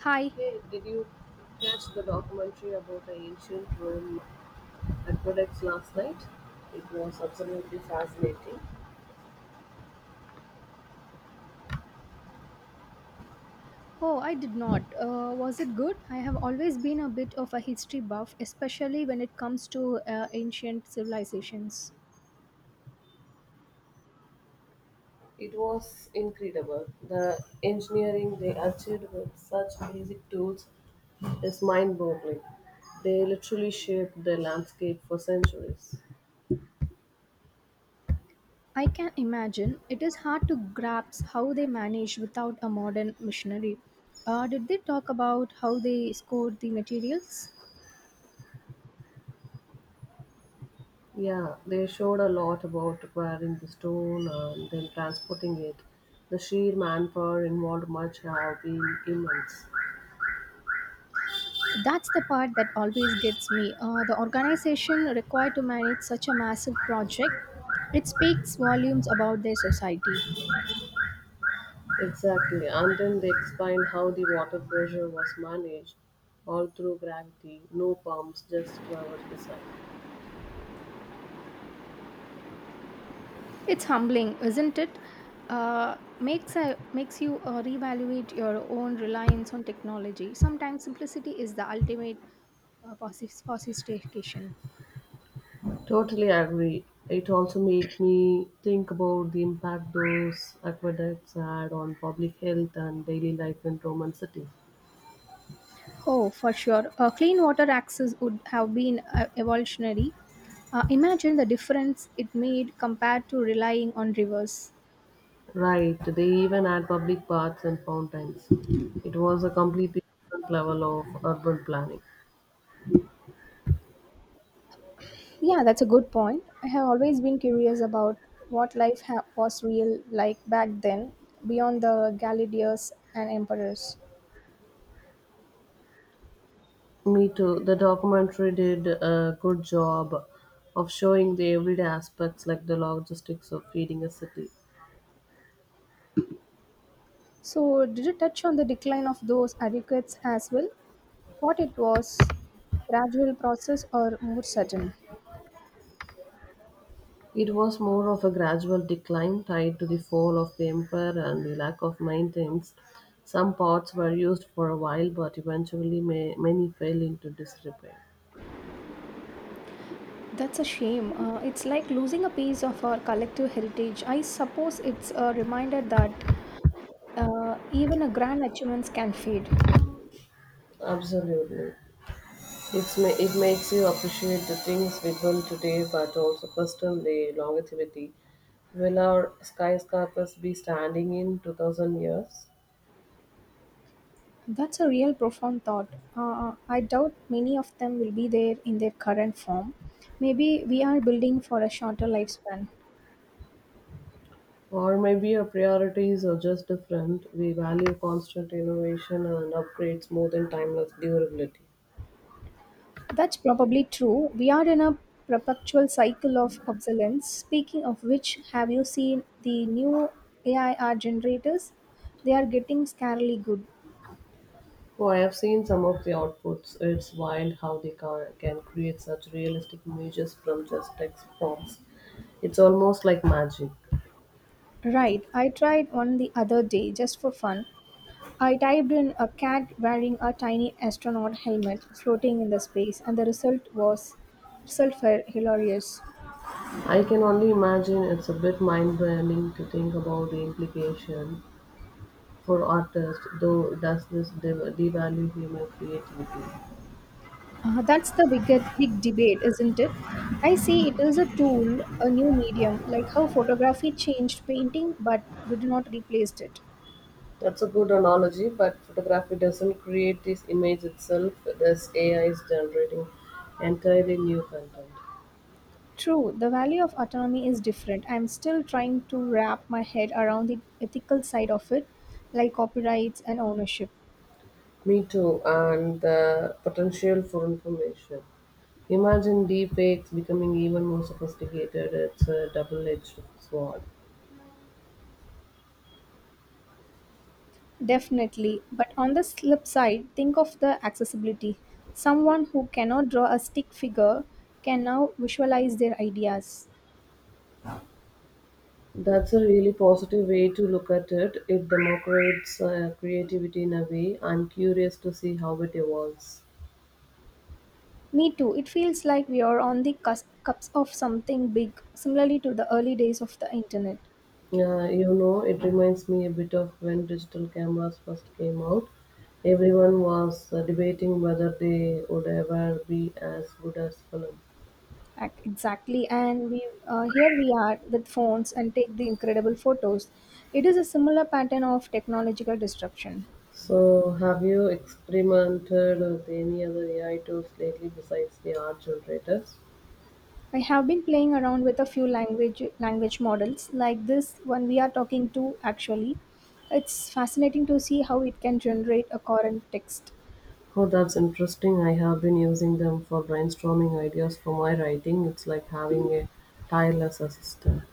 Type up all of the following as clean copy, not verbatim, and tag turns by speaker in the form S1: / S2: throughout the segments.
S1: Hi.
S2: Hey, did you catch the documentary about the ancient Rome aqueducts last night? It was absolutely fascinating.
S1: Oh, I did not. Was it good? I have always been a bit of a history buff, especially when it comes to ancient civilizations.
S2: It was incredible. The engineering they achieved with such basic tools is mind boggling. They literally shaped the landscape for centuries.
S1: I can imagine it is hard to grasp how they managed without a modern machinery. Did they talk about how they scored the materials?
S2: Yeah, they showed a lot about acquiring the stone and then transporting it. The sheer manpower involved must have been immense.
S1: That's the part that always gets me. The organization required to manage such a massive project, it speaks volumes about their society.
S2: Exactly, and then they explain how the water pressure was managed all through gravity, no pumps, just clever design.
S1: It's humbling, isn't it? Makes you reevaluate your own reliance on technology. Sometimes simplicity is the ultimate sophistication.
S2: Totally agree. It also make me think about the impact those aqueducts had on public health and daily life in Roman cities.
S1: Oh, for sure. Clean water access would have been evolutionary. Imagine the difference it made compared to relying on rivers.
S2: Right, they even had public baths and fountains. It was a completely different level of urban planning.
S1: Yeah, that's a good point. I have always been curious about what was real like back then, beyond the gladiators and emperors.
S2: Me too. The documentary did a good job of showing the everyday aspects like the logistics of feeding a city.
S1: So, did you touch on the decline of those adequates as well? What it was, gradual process or more sudden?
S2: It was more of a gradual decline tied to the fall of the empire and the lack of maintenance. Some pots were used for a while, but eventually many fell into disrepair.
S1: That's a shame. It's like losing a piece of our collective heritage. I suppose it's a reminder that even a grand achievements can fade.
S2: Absolutely. It makes you appreciate the things we build today, but also question the longevity. Will our skyscrapers be standing in 2000 years?
S1: That's a real profound thought. I doubt many of them will be there in their current form. Maybe we are building for a shorter lifespan.
S2: Or maybe our priorities are just different. We value constant innovation and upgrades more than timeless durability.
S1: That's probably true. We are in a perpetual cycle of obsolescence. Speaking of which, have you seen the new AI art generators? They are getting scarily good.
S2: Oh, I have seen some of the outputs. It's wild how they can create such realistic images from just text prompts. It's almost like magic.
S1: Right, I tried one the other day just for fun. I typed in a cat wearing a tiny astronaut helmet floating in the space, and the result was result were hilarious.
S2: I can only imagine it's a bit mind bending to think about the implication for artists, though, does this devalue human creativity?
S1: That's the big debate, isn't it? I see it is a tool, a new medium, like how photography changed painting but did not replace it.
S2: That's a good analogy, but photography doesn't create this image itself, this AI is generating entirely new content.
S1: True, the value of autonomy is different. I'm still trying to wrap my head around the ethical side of it, like copyrights and ownership.
S2: Me too, and the potential for information. Imagine deepfakes becoming even more sophisticated, it's a double edged sword.
S1: Definitely. But on the flip side, think of the accessibility. Someone who cannot draw a stick figure can now visualize their ideas.
S2: That's a really positive way to look at it. It democrates creativity in a way. I'm curious to see how it evolves.
S1: Me too. It feels like we are on the cusp of something big, similarly to the early days of the internet.
S2: It reminds me a bit of when digital cameras first came out. Everyone was debating whether they would ever be as good as film.
S1: Exactly, and we here we are with phones and take the incredible photos. It is a similar pattern of technological disruption.
S2: So, have you experimented with any other AI tools lately besides the art generators?
S1: I have been playing around with a few language models like this one we are talking to. Actually, it's fascinating to see how it can generate a current text.
S2: Oh, that's interesting. I have been using them for brainstorming ideas for my writing. It's like having a tireless assistant.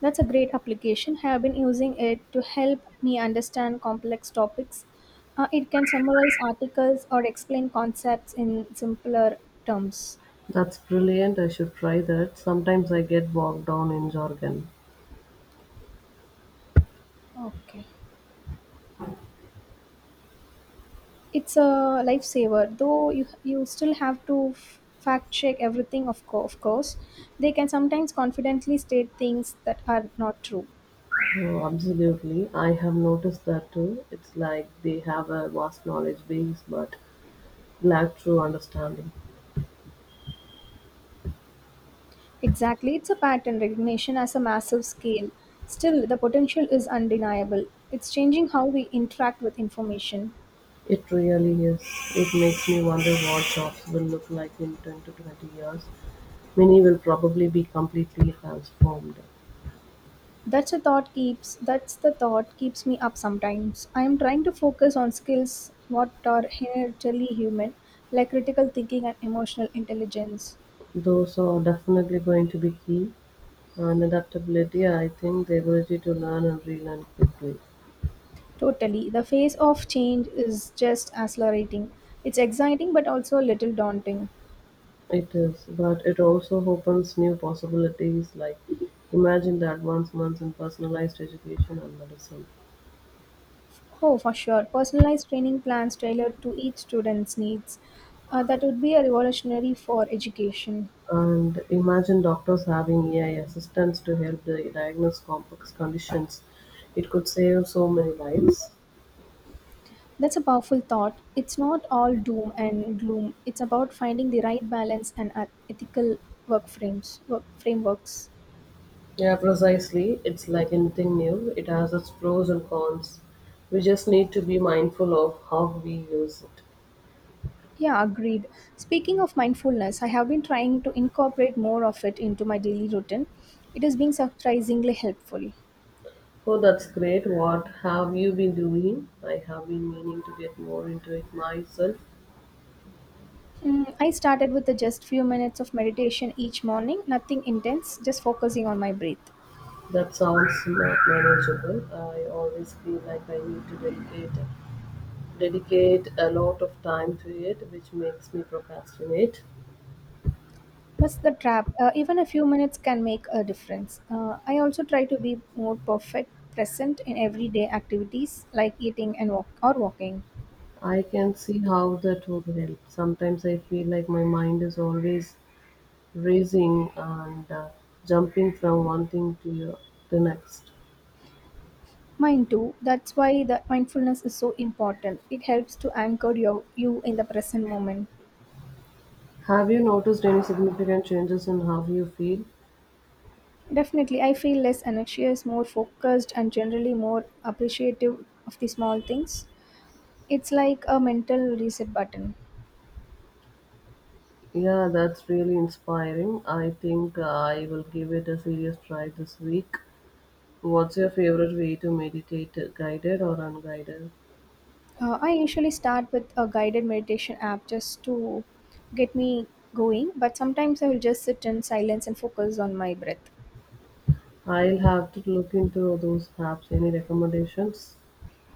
S1: That's a great application. I have been using it to help me understand complex topics. It can summarize articles or explain concepts in simpler terms.
S2: That's brilliant. I should try that. Sometimes I get bogged down in jargon.
S1: Okay. It's a lifesaver, though you still have to fact check everything, of course. They can sometimes confidently state things that are not true.
S2: Oh, absolutely. I have noticed that too. It's like they have a vast knowledge base but lack true understanding.
S1: Exactly, it's a pattern recognition as a massive scale. Still, the potential is undeniable. It's changing how we interact with information.
S2: It really is. It makes me wonder what jobs will look like in 10 to 20 years. Many will probably be completely transformed.
S1: That's a thought keeps that's the thought keeps me up sometimes. I am trying to focus on skills what are inherently human, like critical thinking and emotional intelligence.
S2: Those are definitely going to be key. And adaptability, I think the ability to learn and relearn quickly.
S1: Totally, the phase of change is just accelerating. It's exciting but also a little daunting.
S2: It is, but it also opens new possibilities like imagine the advancements in personalized education and medicine.
S1: Oh, for sure, personalized training plans tailored to each student's needs. That would be a revolutionary for education.
S2: And imagine doctors having AI assistants to help the diagnose complex conditions. It could save so many lives.
S1: That's a powerful thought. It's not all doom and gloom. It's about finding the right balance and ethical work frameworks.
S2: Yeah, precisely. It's like anything new, it has its pros and cons. We just need to be mindful of how we use it.
S1: Yeah, agreed. Speaking of mindfulness, I have been trying to incorporate more of it into my daily routine. It has been surprisingly helpful.
S2: Oh, that's great. What have you been doing? I have been meaning to get more into it myself.
S1: I started with a just few minutes of meditation each morning, nothing intense, just focusing on my breath.
S2: That sounds not manageable. I always feel like I need to dedicate a lot of time to it, which makes me procrastinate.
S1: That's the trap. Even a few minutes can make a difference. I also try to be more present in everyday activities like eating and walking.
S2: I can see how that would help. Sometimes I feel like my mind is always racing and jumping from one thing to the next.
S1: Mine too. That's why the mindfulness is so important. It helps to anchor you in the present moment.
S2: Have you noticed any significant changes in how you feel?
S1: Definitely, I feel less anxious, more focused, and generally more appreciative of the small things. It's like a mental reset button.
S2: Yeah, that's really inspiring. I think I will give it a serious try this week. What's your favorite way to meditate, guided or unguided?
S1: I usually start with a guided meditation app just to get me going, but sometimes I will just sit in silence and focus on my breath.
S2: I'll have to look into those apps. Any recommendations?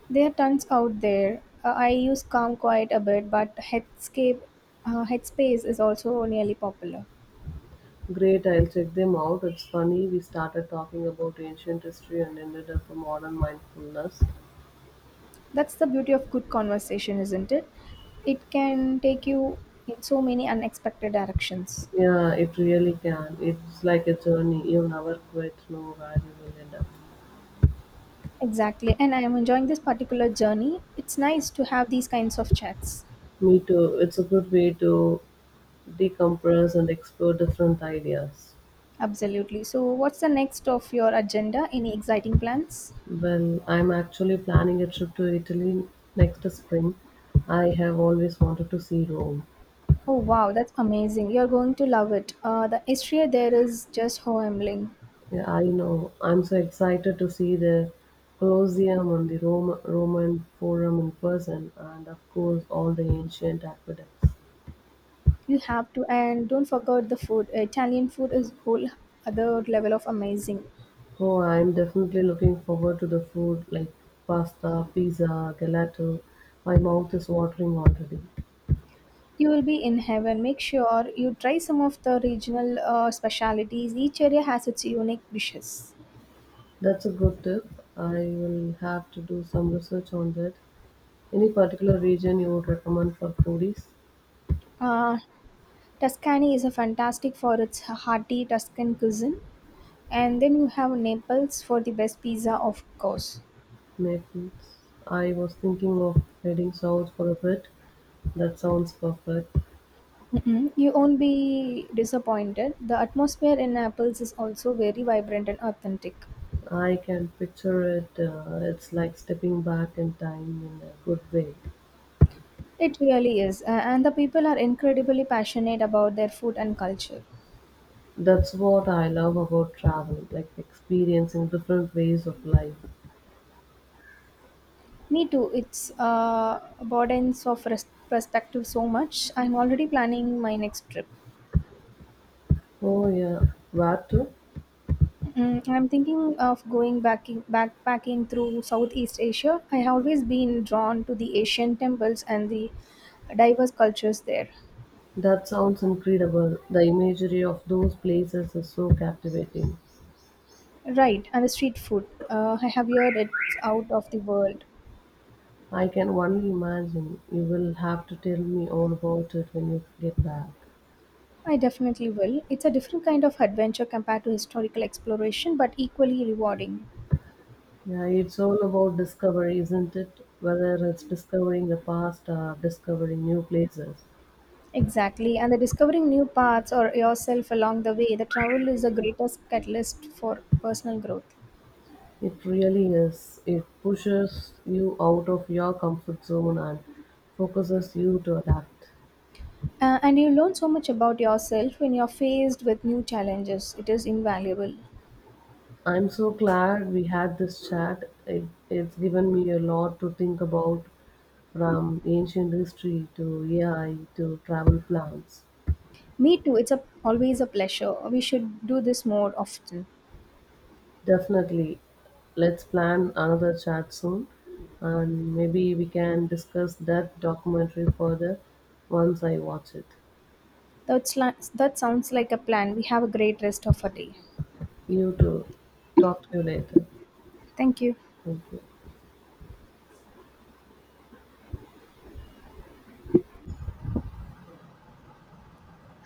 S1: There are tons out there. I use Calm Quiet a bit, but Headspace is also nearly popular.
S2: Great, I'll check them out. It's funny, we started talking about ancient history and ended up with modern mindfulness.
S1: That's the beauty of good conversation, isn't it? It can take you in so many unexpected directions.
S2: Yeah, it really can. It's like a journey. You never quite know where you will end up.
S1: Exactly, and I am enjoying this particular journey. It's nice to have these kinds of chats.
S2: Me too. It's a good way to decompress and explore different ideas.
S1: Absolutely. So, what's the next of your agenda? Any exciting plans?
S2: Well, I'm actually planning a trip to Italy next spring. I have always wanted to see Rome.
S1: Oh, wow, that's amazing. You're going to love it. The history there is just humbling.
S2: Yeah, I know. I'm so excited to see the Colosseum and the Roman Forum in person, and of course, all the ancient aqueducts.
S1: You have to, and don't forget the food. Italian food is whole other level of amazing.
S2: Oh, I'm definitely looking forward to the food like pasta, pizza, gelato. My mouth is watering already.
S1: You will be in heaven. Make sure you try some of the regional specialities. Each area has its unique dishes.
S2: That's a good tip. I will have to do some research on that. Any particular region you would recommend for foodies?
S1: Uh, Tuscany is a fantastic for its hearty Tuscan cuisine. And then you have Naples for the best pizza, of course.
S2: Naples. I was thinking of heading south for a bit. That sounds perfect.
S1: Mm-mm. You won't be disappointed. The atmosphere in Naples is also very vibrant and authentic.
S2: I can picture it. It's like stepping back in time in a good way.
S1: It really is. And the people are incredibly passionate about their food and culture.
S2: That's what I love about traveling, like experiencing different ways of life.
S1: Me too. It's abundance of perspective so much. I'm already planning my next trip.
S2: Oh yeah, where to?
S1: Mm, I'm thinking of backpacking through Southeast Asia. I have always been drawn to the Asian temples and the diverse cultures there.
S2: That sounds incredible. The imagery of those places is so captivating.
S1: Right, and the street food. I have heard it's out of the world.
S2: I can only imagine. You will have to tell me all about it when you get back.
S1: I definitely will. It's a different kind of adventure compared to historical exploration, but equally rewarding.
S2: Yeah, it's all about discovery, isn't it? Whether it's discovering the past or discovering new places.
S1: Exactly, and the discovering new paths or yourself along the way, the travel is the greatest catalyst for personal growth.
S2: It really is. It pushes you out of your comfort zone and focuses you to adapt.
S1: And you learn so much about yourself when you're faced with new challenges. It is invaluable.
S2: I'm so glad we had this chat. It's given me a lot to think about from ancient history to AI to travel plans.
S1: Me too. Always a pleasure. We should do this more often.
S2: Definitely. Let's plan another chat soon, and maybe we can discuss that documentary further once I watch it.
S1: That sounds like a plan. We have a great rest of our day.
S2: You too. Talk to you later.
S1: Thank you.
S2: Thank you.